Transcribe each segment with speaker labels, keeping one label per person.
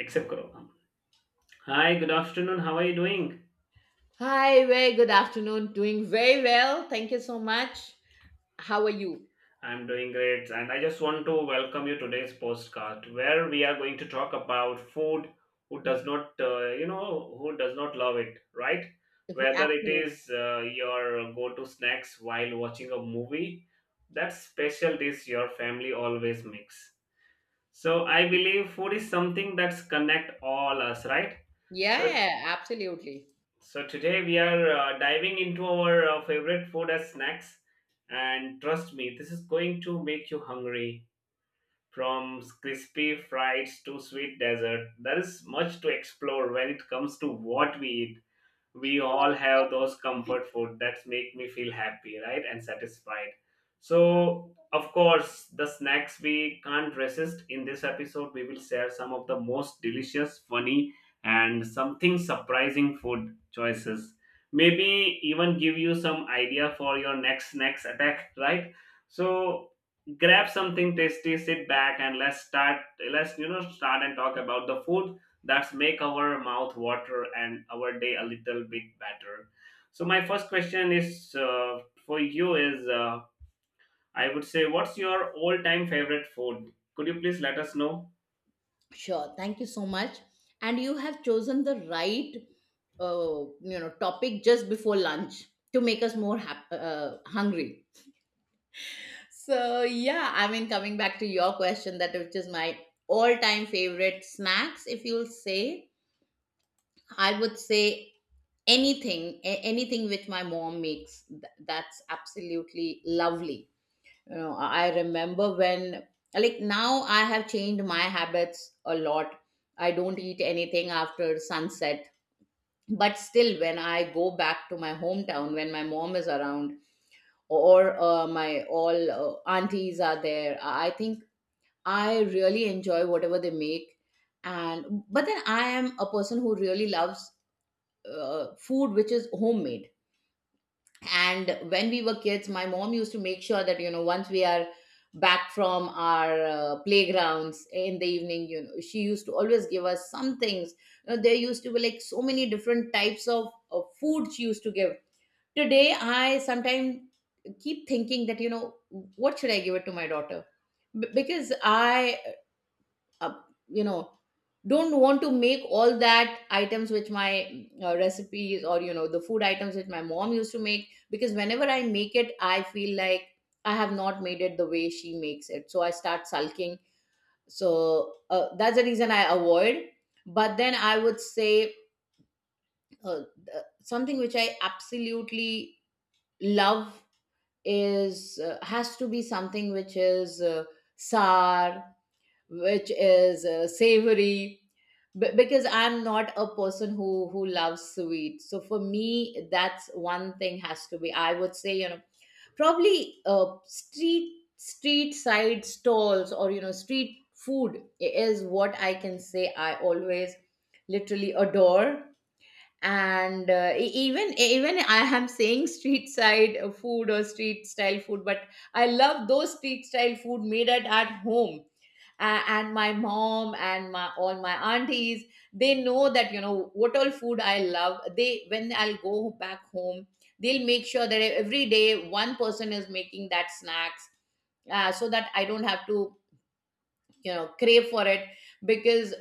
Speaker 1: Accept, Corona. Hi, good afternoon. How are you doing?
Speaker 2: Hi, very good afternoon. Doing very well. Thank you so much. How are you?
Speaker 1: I'm doing great, and I just want to welcome you today's postcard where we are going to talk about food. Who does not, who does not love it, right? Whether it
Speaker 2: Absolutely.
Speaker 1: is your go-to snacks while watching a movie, that special dish your family always makes. So I believe food is something that's connect all us, right? So
Speaker 2: Yeah, absolutely.
Speaker 1: So today we are diving into our favorite food as snacks, and trust me, this is going to make you hungry. From crispy fries to sweet dessert, there is much to explore when it comes to what we eat. We all
Speaker 2: Yeah.
Speaker 1: have those comfort food that make me feel happy, right, and satisfied. So of course the snacks we can't resist. In this episode we will share some of the most delicious, funny, and something surprising food choices, maybe even give you some idea for your next snacks attack, right? So grab something tasty, sit back, and let's start and talk about the food that's make our mouth water and our day a little bit better. So my first question is for you is I would say, what's your all time favorite food? Could you please let us know?
Speaker 2: Sure. Thank you so much. And you have chosen the right, topic just before lunch to make us more hungry. So yeah, I mean, coming back to your question, that which is my all-time favorite snacks, if you'll say, I would say anything which my mom makes that's absolutely lovely. You know, I remember when, like, now I have changed my habits a lot. I don't eat anything after sunset, but still when I go back to my hometown, when my mom is around, or my all aunties are there, I think I really enjoy whatever they make. And but then I am a person who really loves food which is homemade. And when we were kids, my mom used to make sure that, you know, once we are back from our playgrounds in the evening, you know, she used to always give us some things. You know, there used to be like so many different types of food she used to give. Today I sometimes keep thinking that, you know, what should I give it to my daughter, because I, uh, you know don't want to make all that items which my recipes, or you know, the food items which my mom used to make, because whenever I make it I feel like I have not made it the way she makes it, so I start sulking. So that's the reason I avoid. But then I would say, uh, something which I absolutely love is, has to be something which is sour, which is savory, because I'm not a person who loves sweet. So for me, that's one thing, has to be, I would say, you know, probably street side stalls, or you know, street food is what I can say I always literally adore. And even I am saying street side food or street style food, but I love those street style food made at home. A and my mom and my aunties, they know that, you know, what all food I love. They, when I'll go back home, they'll make sure that every day one person is making that snacks, so that I don't have to, you know, crave for it. Because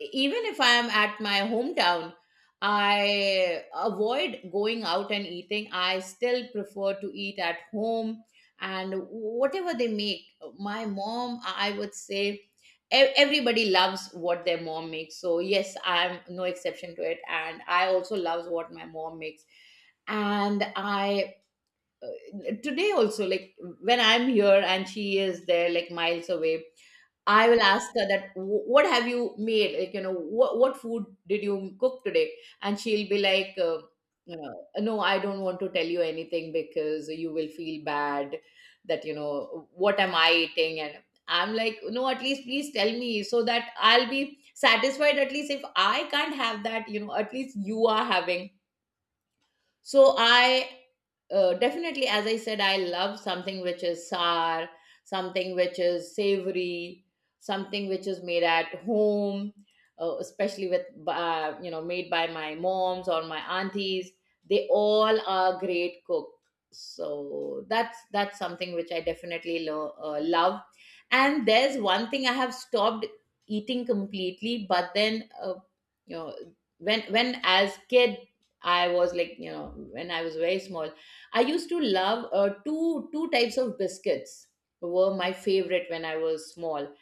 Speaker 2: even if I am at my hometown, I avoid going out and eating. I still prefer to eat at home and whatever they make. My mom, I would say, everybody loves what their mom makes. So yes, I'm no exception to it, and I also loves what my mom makes. And I, uh, today also, like when I'm here and she is there, like miles away, I will ask her that, What have you made, like you know, what food did you cook today?" And she'll be like, you know, "No, I don't want to tell you anything, because you will feel bad, that you know, what am I eating." And I'm like, "No, at least please tell me, so that I'll be satisfied. At least if I can't have that, you know, at least you are having." So I, definitely, as I said, I love something which is sour, something which is savory, something which is made at home, especially with, made by my moms or my aunties. They all are great cooks. So that's something which I definitely love. And there's one thing I have stopped eating completely, but then, you know when as kid I was like, you know, when I was very small, I used to love two types of biscuits were my favorite when I was small.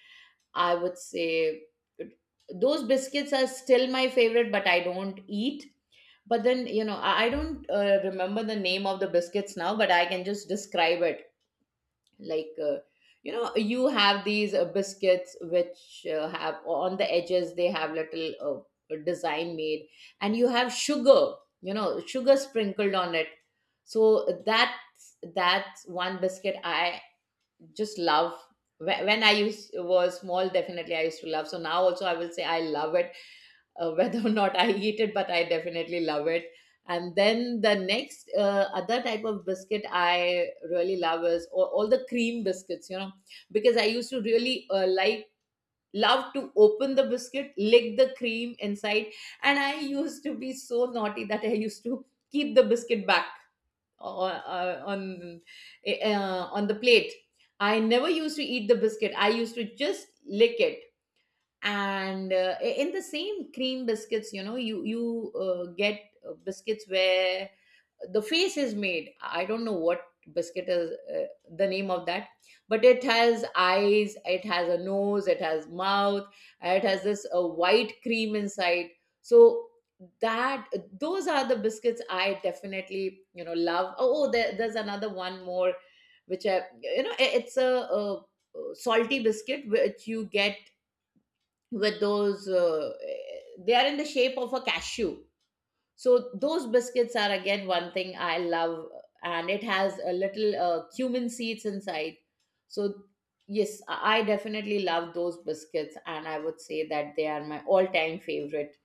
Speaker 2: I would say those biscuits are still my favorite, but I don't eat. But then, you know, I don't remember the name of the biscuits now, but I can just describe it like, you have these biscuits which have on the edges, they have little design made, and you have sugar, you know, sugar sprinkled on it. So that's one biscuit I just love. Wh- when I used was small, definitely I used to love. So now also I will say I love it, whether or not I eat it, but I definitely love it. And then the next other type of biscuit I really love is all the cream biscuits, you know, because I used to really, love to open the biscuit, lick the cream inside. And I used to be so naughty that I used to keep the biscuit back, uh, on on the plate. I never used to eat the biscuit. I used to just lick it. And in the same cream biscuits, you know, you get biscuits where the face is made. I don't know what biscuit is, the name of that, but it has eyes, it has a nose, it has mouth, it has this white cream inside. So that, those are the biscuits I definitely, you know, love. Oh, oh, there's another one more which I, you know, it's a, salty biscuit which you get, with those they are in the shape of a cashew. So those biscuits are again one thing I love, and it has a little cumin seeds inside. So yes, I definitely love those biscuits, and I would say that they are my all-time favorite.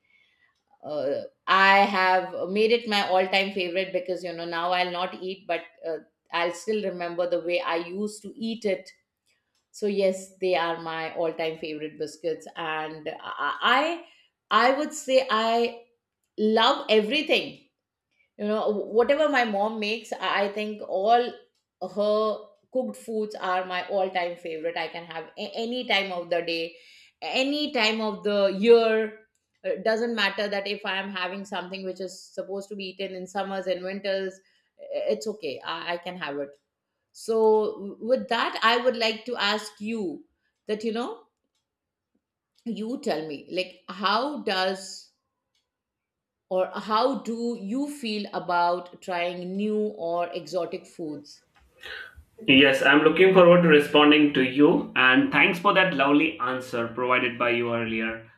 Speaker 2: I have made it my all-time favorite because, you know, now I'll not eat, but I'll still remember the way I used to eat it. So yes, they are my all-time favorite biscuits, and I would say I love everything, you know, whatever my mom makes. I think all her cooked foods are my all time favorite. I can have any time of the day, any time of the year. It doesn't matter that if I am having something which is supposed to be eaten in summers and winters, it's okay, I can have it. So with that, I would like to ask you that, you know, you tell me, like, how does, or how do you feel about trying new or exotic foods?
Speaker 1: Yes, I'm looking forward to responding to you. And thanks for that lovely answer provided by you earlier.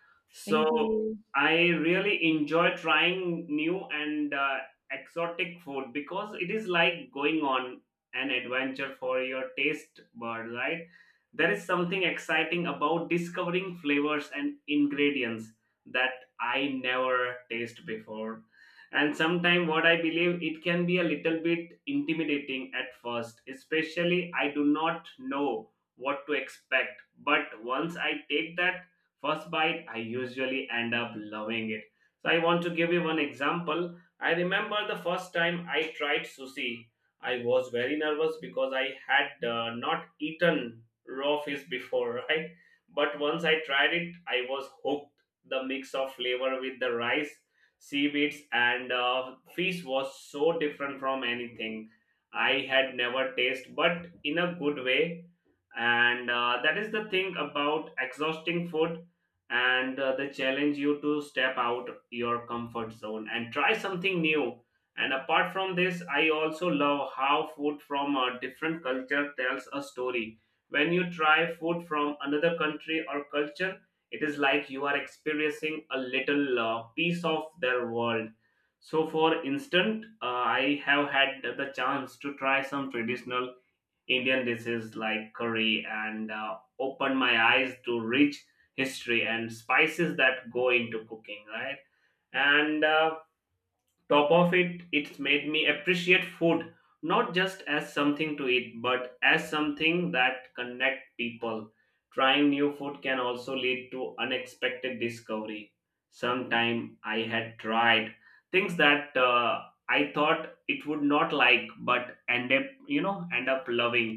Speaker 2: Thank
Speaker 1: So,
Speaker 2: you.
Speaker 1: I really enjoy trying new and exotic food because it is like going on an adventure for your taste bud, right? There is something exciting about discovering flavors and ingredients that I never taste before, and sometimes what I believe it can be a little bit intimidating at first, especially I do not know what to expect. But once I take that first bite, I usually end up loving it. So I want to give you one example. I remember the first time I tried sushi, I was very nervous because I had not eaten raw fish before right. But once I tried it, I was hooked. The mix of flavor with the rice, seaweeds, and fish was so different from anything I had never tasted, but in a good way. And that is the thing about exhausting food and the challenge you to step out your comfort zone and try something new. And apart from this, I also love how food from a different culture tells a story. When you try food from another country or culture, it is like you are experiencing a little piece of their world. So for instance, I have had the chance to try some traditional Indian dishes like curry and opened my eyes to rich history and spices that go into cooking, right? And top of it, it's made me appreciate food not just as something to eat but as something that connect people. Trying new food can also lead to unexpected discovery. Sometime I had tried things that I thought it would not like but end up, end up loving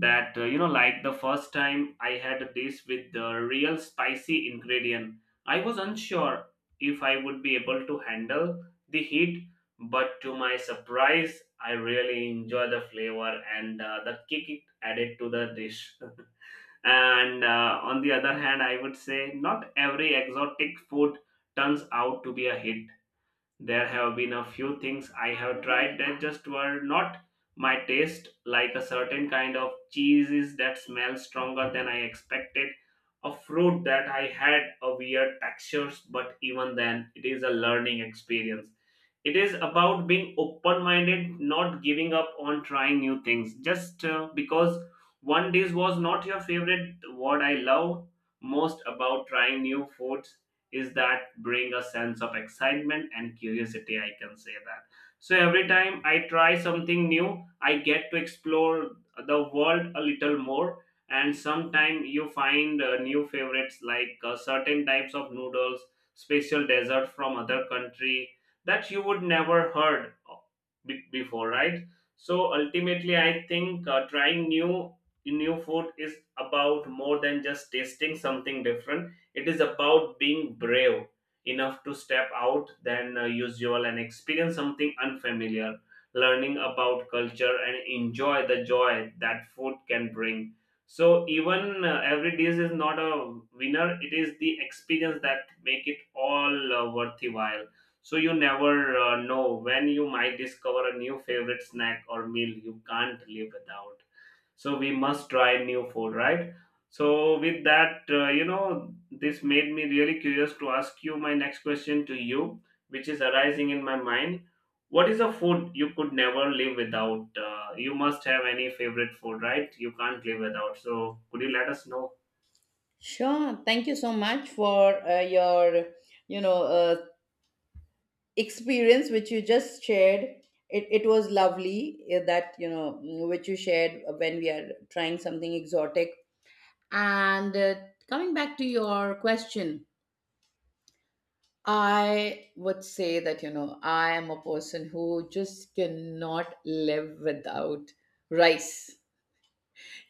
Speaker 1: that. Like the first time I had this with the real spicy ingredient, I was unsure if I would be able to handle the heat, but to my surprise, I really enjoy the flavor and the kick it added to the dish. And on the other hand, I would say not every exotic food turns out to be a hit. There have been a few things I have tried that just were not my taste, like a certain kind of cheeses that smell stronger than I expected, a fruit that I had a weird textures, but even then, it is a learning experience. It is about being open minded, not giving up on trying new things just because one dish was not your favorite. What I love most about trying new foods is that bring a sense of excitement and curiosity, I can say that. So every time I try something new, I get to explore the world a little more. And sometimes you find new favorites like certain types of noodles, special dessert from other country that you would never heard before, right? So ultimately I think trying new food is about more than just tasting something different. It is about being brave enough to step out than usual and experience something unfamiliar, learning about culture and enjoy the joy that food can bring. So even every dish is not a winner, it is the experience that make it all worthwhile. So you never know when you might discover a new favorite snack or meal you can't live without. So we must try new food, right? So with that, this made me really curious to ask you my next question to you, which is arising in my mind. What is a food you could never live without? You must have any favorite food, right? You can't live without. So could you let us know?
Speaker 2: Sure. Thank you so much for your, you know, experience which you just shared. It was lovely that, you know, mm, which you shared when we are trying something exotic. And coming back to your question, I would say that, you know, I am a person who just cannot live without rice.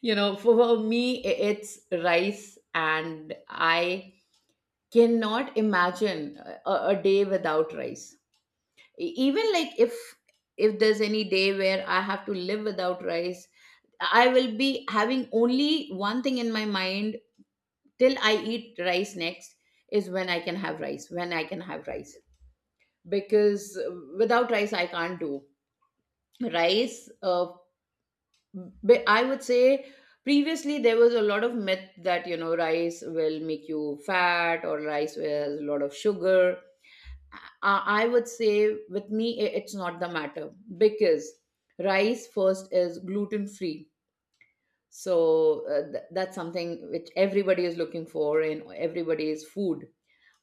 Speaker 2: You know, for me, it's rice, and I cannot imagine a day without rice. Even like, if there's any day where I have to live without rice, I will be having only one thing in my mind till I eat rice next, is when I can have rice, when I can have rice. Because without rice, I can't do. Rice, but I would say, previously there was a lot of myth that, you know, rice will make you fat, or rice has a lot of sugar. I would say with me, it's not the matter, because rice first is gluten free. So that's something which everybody is looking for in everybody's food.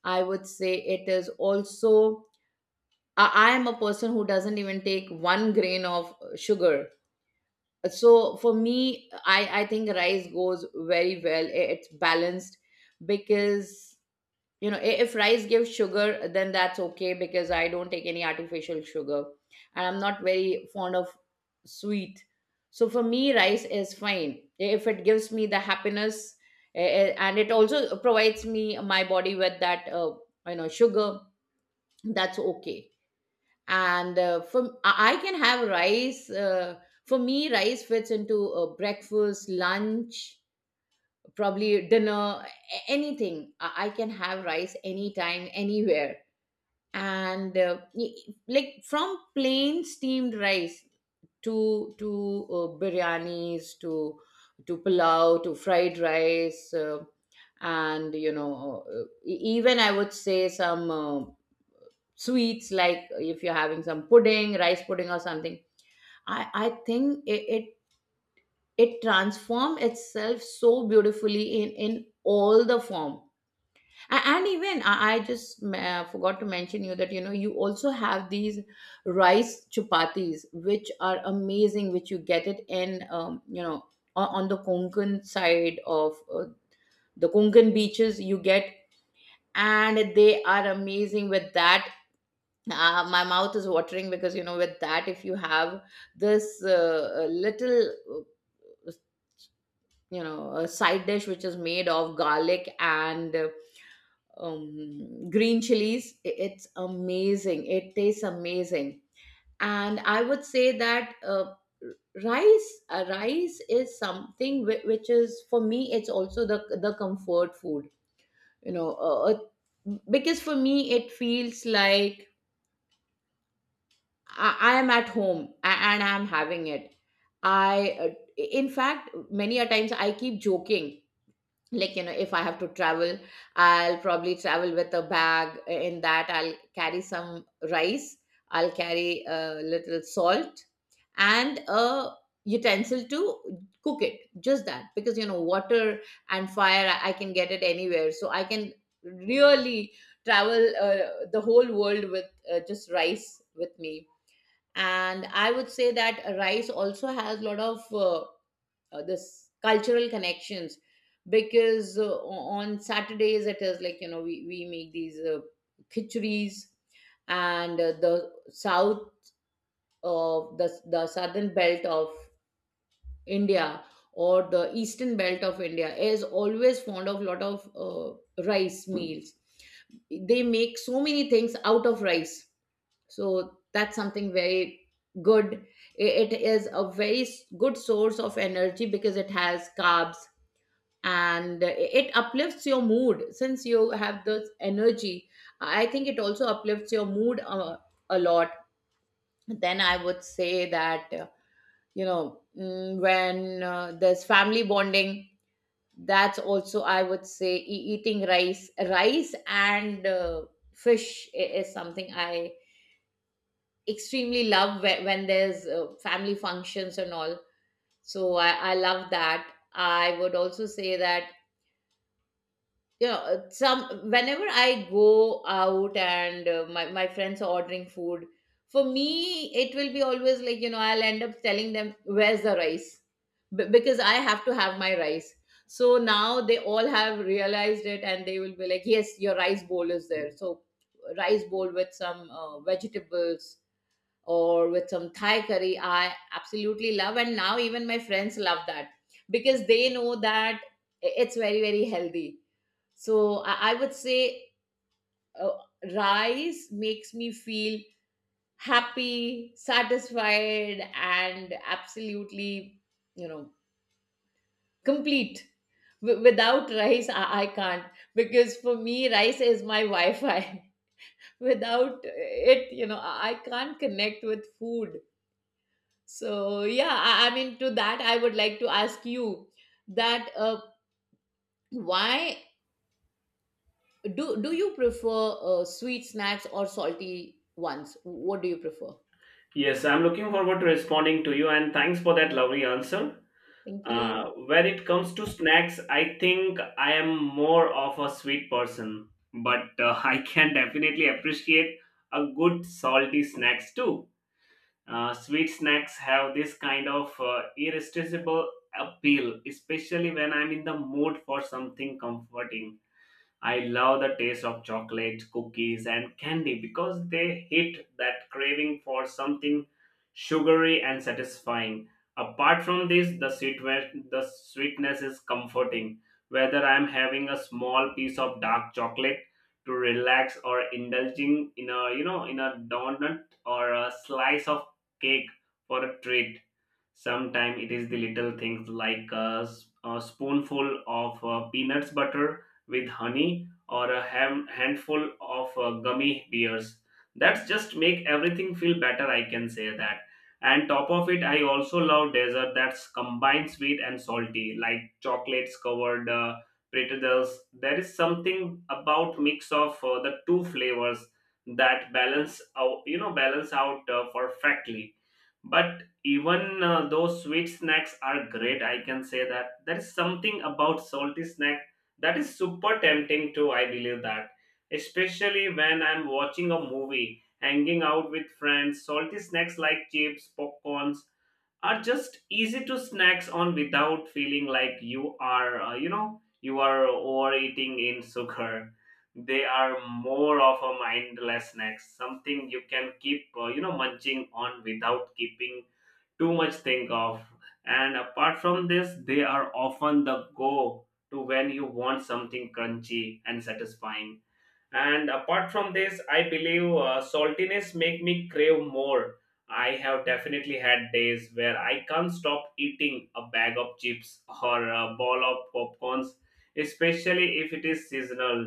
Speaker 2: I would say it is also, I am a person who doesn't even take one grain of sugar. So for me, I think rice goes very well. It's balanced, because, you know, if rice gives sugar, then that's okay, because I don't take any artificial sugar. And I'm not very fond of sweet. So for me, rice is fine if it gives me the happiness, and it also provides me my body with that, sugar. That's okay. And for I can have rice. For me, rice fits into breakfast, lunch, probably dinner, a- anything. I can have rice anytime, anywhere. And like from plain steamed rice to biryanis, to pulao, to fried rice. And you know, even I would say some sweets, like if you're having some pudding, rice pudding or something. I think it transformed itself so beautifully in all the form. And even I just forgot to mention you that you know you also have these rice chapatis which are amazing, which you get it in, you know, on the Konkan side of the Konkan beaches, you get. And they are amazing with that. My mouth is watering, because you know, with that if you have this little, a side dish which is made of garlic and green chilies. It's amazing, it tastes amazing. And I would say that rice is something which is, for me it's also the comfort food, you know. Because for me, it feels like I am at home and I'm having it. I In fact, many a times I keep joking, like, you know, if I have to travel, I'll probably travel with a bag, in that I'll carry some rice, I'll carry a little salt and a utensil to cook it. Just that, because you know, water and fire, I can get it anywhere, so I can really travel the whole world with just rice with me. And I would say that rice also has a lot of this cultural connections, because on Saturdays it is like, you know, we make these khichuris. And the southern belt of India, or the eastern belt of India, is always fond of lot of rice meals. They make so many things out of rice, so that's something very good. It is a very good source of energy because it has carbs, and it uplifts your mood. Since you have this energy, I think it also uplifts your mood a lot. Then I would say that, you know, when there's family bonding, that's also, I would say, eating rice and fish is something I extremely love, when there's family functions and all. So I love that. I would also say that, you know, some whenever I go out and my friends are ordering food, for me it will be always like, you know, I'll end up telling them, where's the rice? Because I have to have my rice. So now they all have realized it, and they will be like, yes, your rice bowl is there. So rice bowl with some vegetables or with some Thai curry, I absolutely love, and now even my friends love that, because they know that it's very very healthy. So I would say uh, rice makes me feel happy, satisfied, and absolutely, you know, complete. Without rice, I can't, because for me, rice is my Wi Fi. Without it, you know, I can't connect with food. So, yeah, I mean, to that, I would like to ask you that, why do you prefer sweet snacks or salty ones? What do you prefer?
Speaker 1: Yes, I'm looking forward to responding to you, and thanks for that lovely answer.
Speaker 2: Thank you.
Speaker 1: When it comes to snacks, I think I am more of a sweet person, but I can definitely appreciate a good salty snacks too. Sweet snacks have this kind of irresistible appeal, especially when I'm in the mood for something comforting. I love the taste of chocolate, cookies, and candy because they hit that craving for something sugary and satisfying. Apart from this, the sweetness is comforting. Whether I'm having a small piece of dark chocolate to relax or indulging in a, in a donut or a slice of cake for a treat, sometimes it is the little things like a spoonful of peanuts butter with honey or a handful of gummy bears. That's just make everything feel better, I can say that. And top of it, I also love dessert that's combined sweet and salty, like chocolates covered pretzels. There is something about mix of the two flavors that balance out, balance out perfectly. But even though sweet snacks are great, I can say that there is something about salty snack that is super tempting too, I believe that. Especially when I'm watching a movie, hanging out with friends, salty snacks like chips, popcorns are just easy to snacks on without feeling like you are you are overeating in sugar. They are more of a mindless snacks, something you can keep munching on without keeping too much think of. And apart from this, they are often the go to when you want something crunchy and satisfying. And apart from this, I believe saltiness make me crave more. I have definitely had days where I can't stop eating a bag of chips or a ball of popcorns, especially if it is seasonal,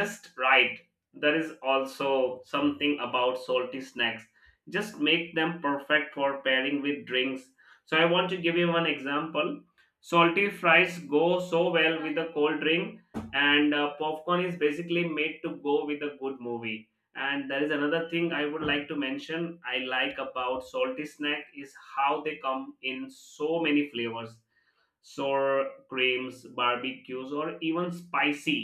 Speaker 1: just right. There is also something about salty snacks just make them perfect for pairing with drinks. So I want to give you one example. Salty fries go so well with a cold drink, and popcorn is basically made to go with a good movie. And there is another thing I would like to mention I like about salty snack is how they come in so many flavors, sour creams, barbecues, or even spicy.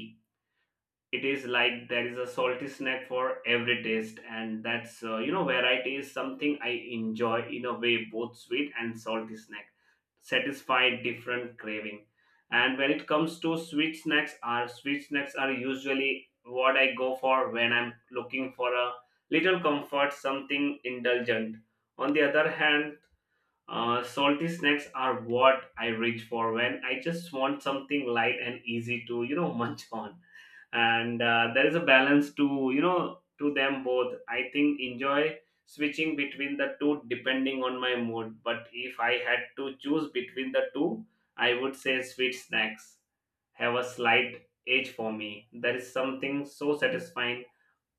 Speaker 1: It is like there is a salty snack for every taste, and that's variety is something I enjoy. In a way, both sweet and salty snack satisfy different craving. And when it comes to sweet snacks, are sweet snacks are usually what I go for when I'm looking for a little comfort, something indulgent. On the other hand, salty snacks are what I reach for when I just want something light and easy to, munch on. And there is a balance to, to them both. I think enjoy switching between the two depending on my mood. But if I had to choose between the two, I would say sweet snacks have a slight edge for me. There is something so satisfying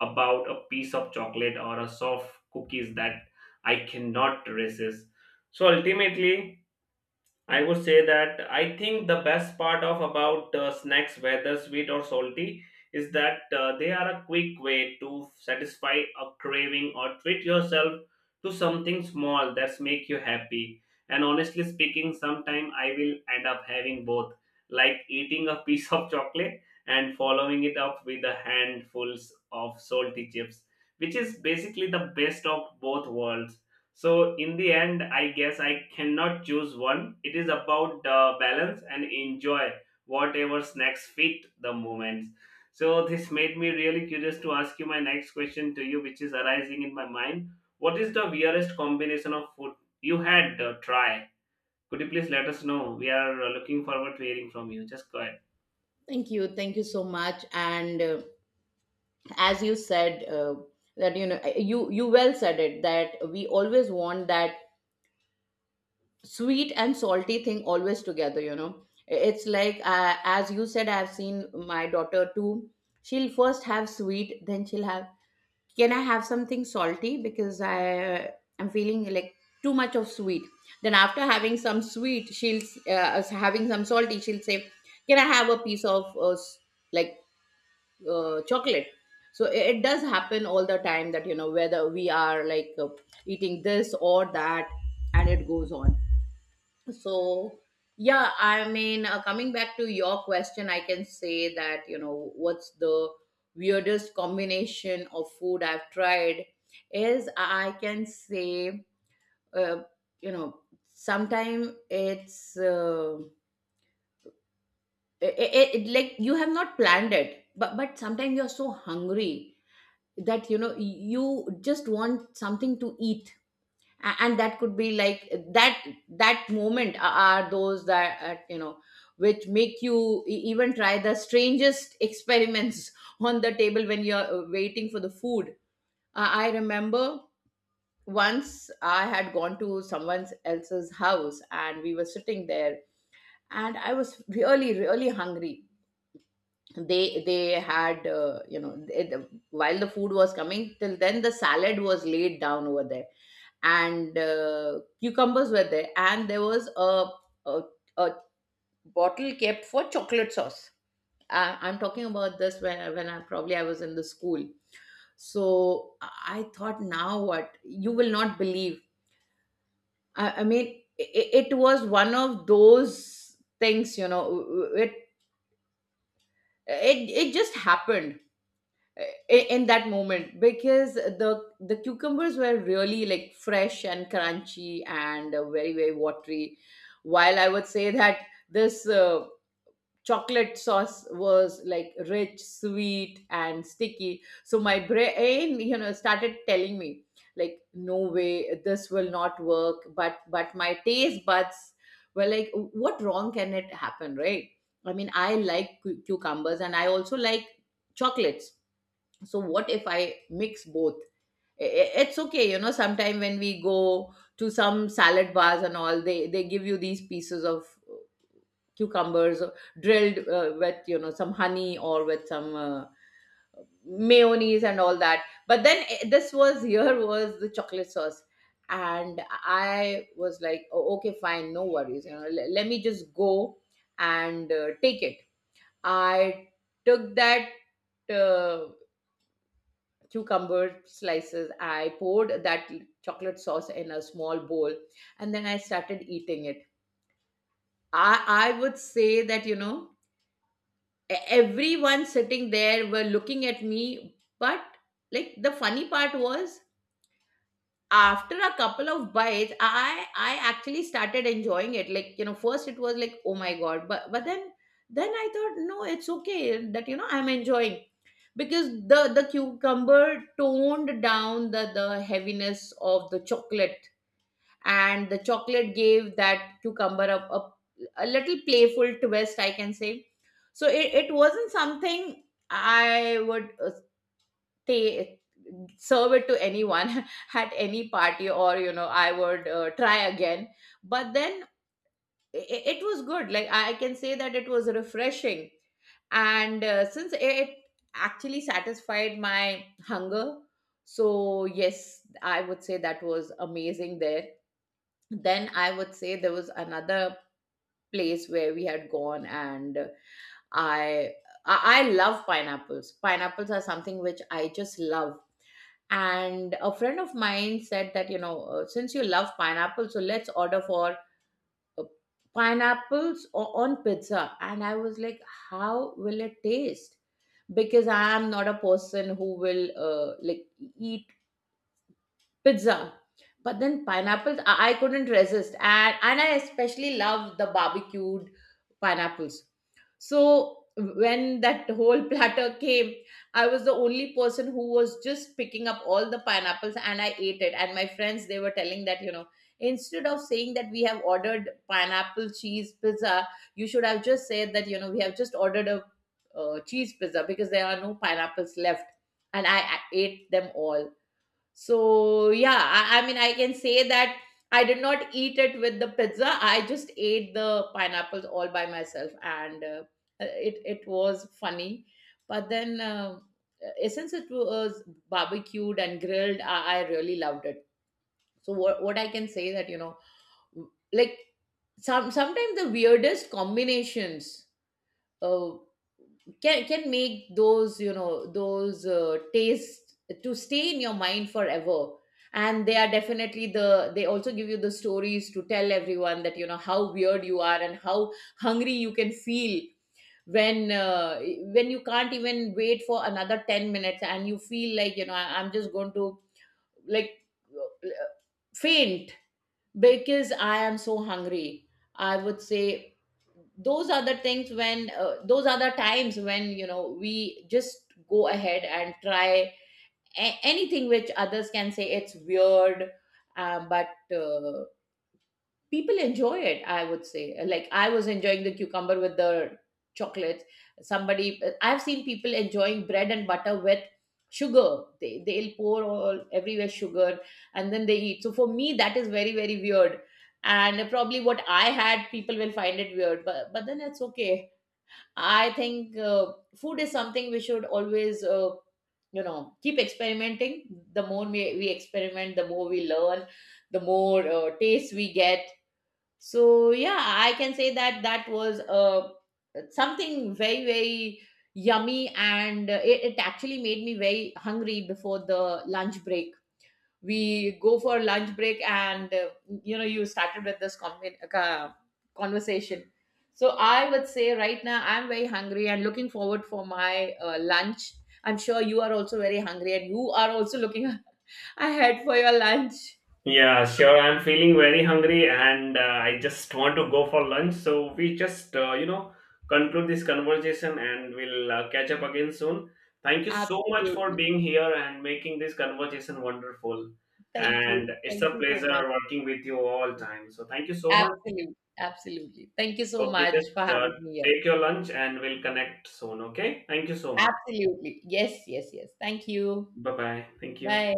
Speaker 1: about a piece of chocolate or a soft cookies that I cannot resist. So ultimately, I would say that I think the best part of about snacks, whether sweet or salty, is that they are a quick way to satisfy a craving or treat yourself to something small that's make you happy. And honestly speaking, sometime I will end up having both, like eating a piece of chocolate and following it up with a handfuls of salty chips, which is basically the best of both worlds. So in the end, I guess I cannot choose one. It is about the balance and enjoy whatever snacks fit the moments. So this made me really curious to ask you my next question to you, which is arising in my mind. What is the weirdest combination of food you had try? Could you please let us know? We are looking forward to hearing from you. Just go ahead.
Speaker 2: Thank you, thank you so much. And as you said, that you know, you well said it that we always want that sweet and salty thing always together. You know, it's like, as you said, I've seen my daughter too. She'll first have sweet, then she'll have, can I have something salty, because I, I'm feeling like too much of sweet. Then after having some sweet, she'll having some salty. She'll say, "Can I have a piece of like chocolate?" So it does happen all the time, that you know, whether we are like eating this or that, and it goes on. So, yeah, I mean, coming back to your question, I can say that, you know, what's the weirdest combination of food I've tried is, I can say, uh, you know sometimes it's it, it, it like you have not planned it, but sometimes you're so hungry that you know you just want something to eat. And that could be like that, that moment are those that, which make you even try the strangest experiments on the table when you're waiting for the food. I remember once I had gone to someone else's house, and we were sitting there, and I was really really hungry. They had, while the food was coming, till then the salad was laid down over there, and cucumbers were there, and there was a, a bottle kept for chocolate sauce. I, I'm talking about this when I probably I was in the school. So I thought, now what you will not believe, I mean, it was one of those things, you know. It just happened in that moment. Because the cucumbers were really like fresh and crunchy and very very watery, while I would say that this chocolate sauce was like rich, sweet and sticky. So my brain, you know, started telling me like, no way, this will not work. But my taste buds were like, what wrong can it happen, right? I mean, I like cucumbers and I also like chocolates, so what if I mix both? It's okay, you know, sometime when we go to some salad bars and all, they give you these pieces of cucumbers drilled with, you know, some honey or with some mayonnaise and all that. But then this was, here was the chocolate sauce, and I was like, oh, okay, fine, no worries, you know, let me just go and take it. I took that uh, cucumber slices. I poured that chocolate sauce in a small bowl, and then I started eating it. I, I would say that, you know, everyone sitting there were looking at me. But like, the funny part was, after a couple of bites, I actually started enjoying it. Like, you know, first it was like, oh my god, but then I thought, no, it's okay, that, you know, I'm enjoying. Because the cucumber toned down the heaviness of the chocolate, and the chocolate gave that cucumber a little playful twist, I can say. So it wasn't something I would, they serve it to anyone at any party, or you know, I would try again. But then, it was good, like I can say that it was refreshing, and since it actually satisfied my hunger. So yes, I would say that was amazing there. Then I would say there was another place where we had gone, and I I love pineapples. Pineapples are something which I just love. And a friend of mine said that, you know, since you love pineapple, so let's order for uh, pineapples on pizza. And I was like, how will it taste? Because I am not a person who will eat pizza. But then pineapples, I couldn't resist. And I especially love the barbecued pineapples. So when that whole platter came, I was the only person who was just picking up all the pineapples, and I ate it. And my friends, they were telling that, you know, instead of saying that we have ordered pineapple cheese pizza, you should have just said that, you know, we have just ordered a cheese pizza because there are no pineapples left. And I ate them all. So yeah, I mean, I can say that I did not eat it with the pizza. I just ate the pineapples all by myself, and it was funny. But then, since it was barbecued and grilled, I really loved it. So what I can say that, you know, like, sometimes the weirdest combinations Uh, can make those, you know, those tastes to stay in your mind forever. And they are definitely the, they also give you the stories to tell everyone that, you know, how weird you are and how hungry you can feel when uh, when you can't even wait for another 10 minutes and you feel like, you know, I'm just going to like, uh, faint, because I am so hungry. I would say those are the things when, those are the times when, you know, we just go ahead and try anything which others can say it's weird, but uh, people enjoy it. I would say, like, I was enjoying the cucumber with the chocolates. Somebody, I've seen people enjoying bread and butter with sugar. They'll pour all everywhere sugar and then they eat. So for me, that is very very weird. And probably what I had, people will find it weird, but then it's okay. I think food is something we should always, you know, keep experimenting. The more we experiment, the more we learn, the more taste we get. So yeah, I can say that that was something very very yummy, and it actually made me very hungry before the lunch break. We go for lunch break, and you know, you started with this conversation. So I would say right now I'm very hungry and looking forward for my lunch. I'm sure you are also very hungry and you are also looking ahead for your lunch.
Speaker 1: Yeah, sure. I'm feeling very hungry and I just want to go for lunch. So we just, conclude this conversation and we'll catch up again soon. Thank you so much for
Speaker 2: Absolutely.
Speaker 1: being here and making this conversation wonderful.
Speaker 2: Thank you,
Speaker 1: And it's
Speaker 2: thank
Speaker 1: a
Speaker 2: you so much.
Speaker 1: pleasure working with you all time. So thank you so much.
Speaker 2: Absolutely, absolutely. Thank you so
Speaker 1: Okay,
Speaker 2: much for
Speaker 1: just
Speaker 2: having me here.
Speaker 1: take your lunch and we'll connect soon. Okay. Thank you so much.
Speaker 2: Absolutely. Yes, yes, yes. Thank you.
Speaker 1: Bye bye. Thank you.
Speaker 2: Bye.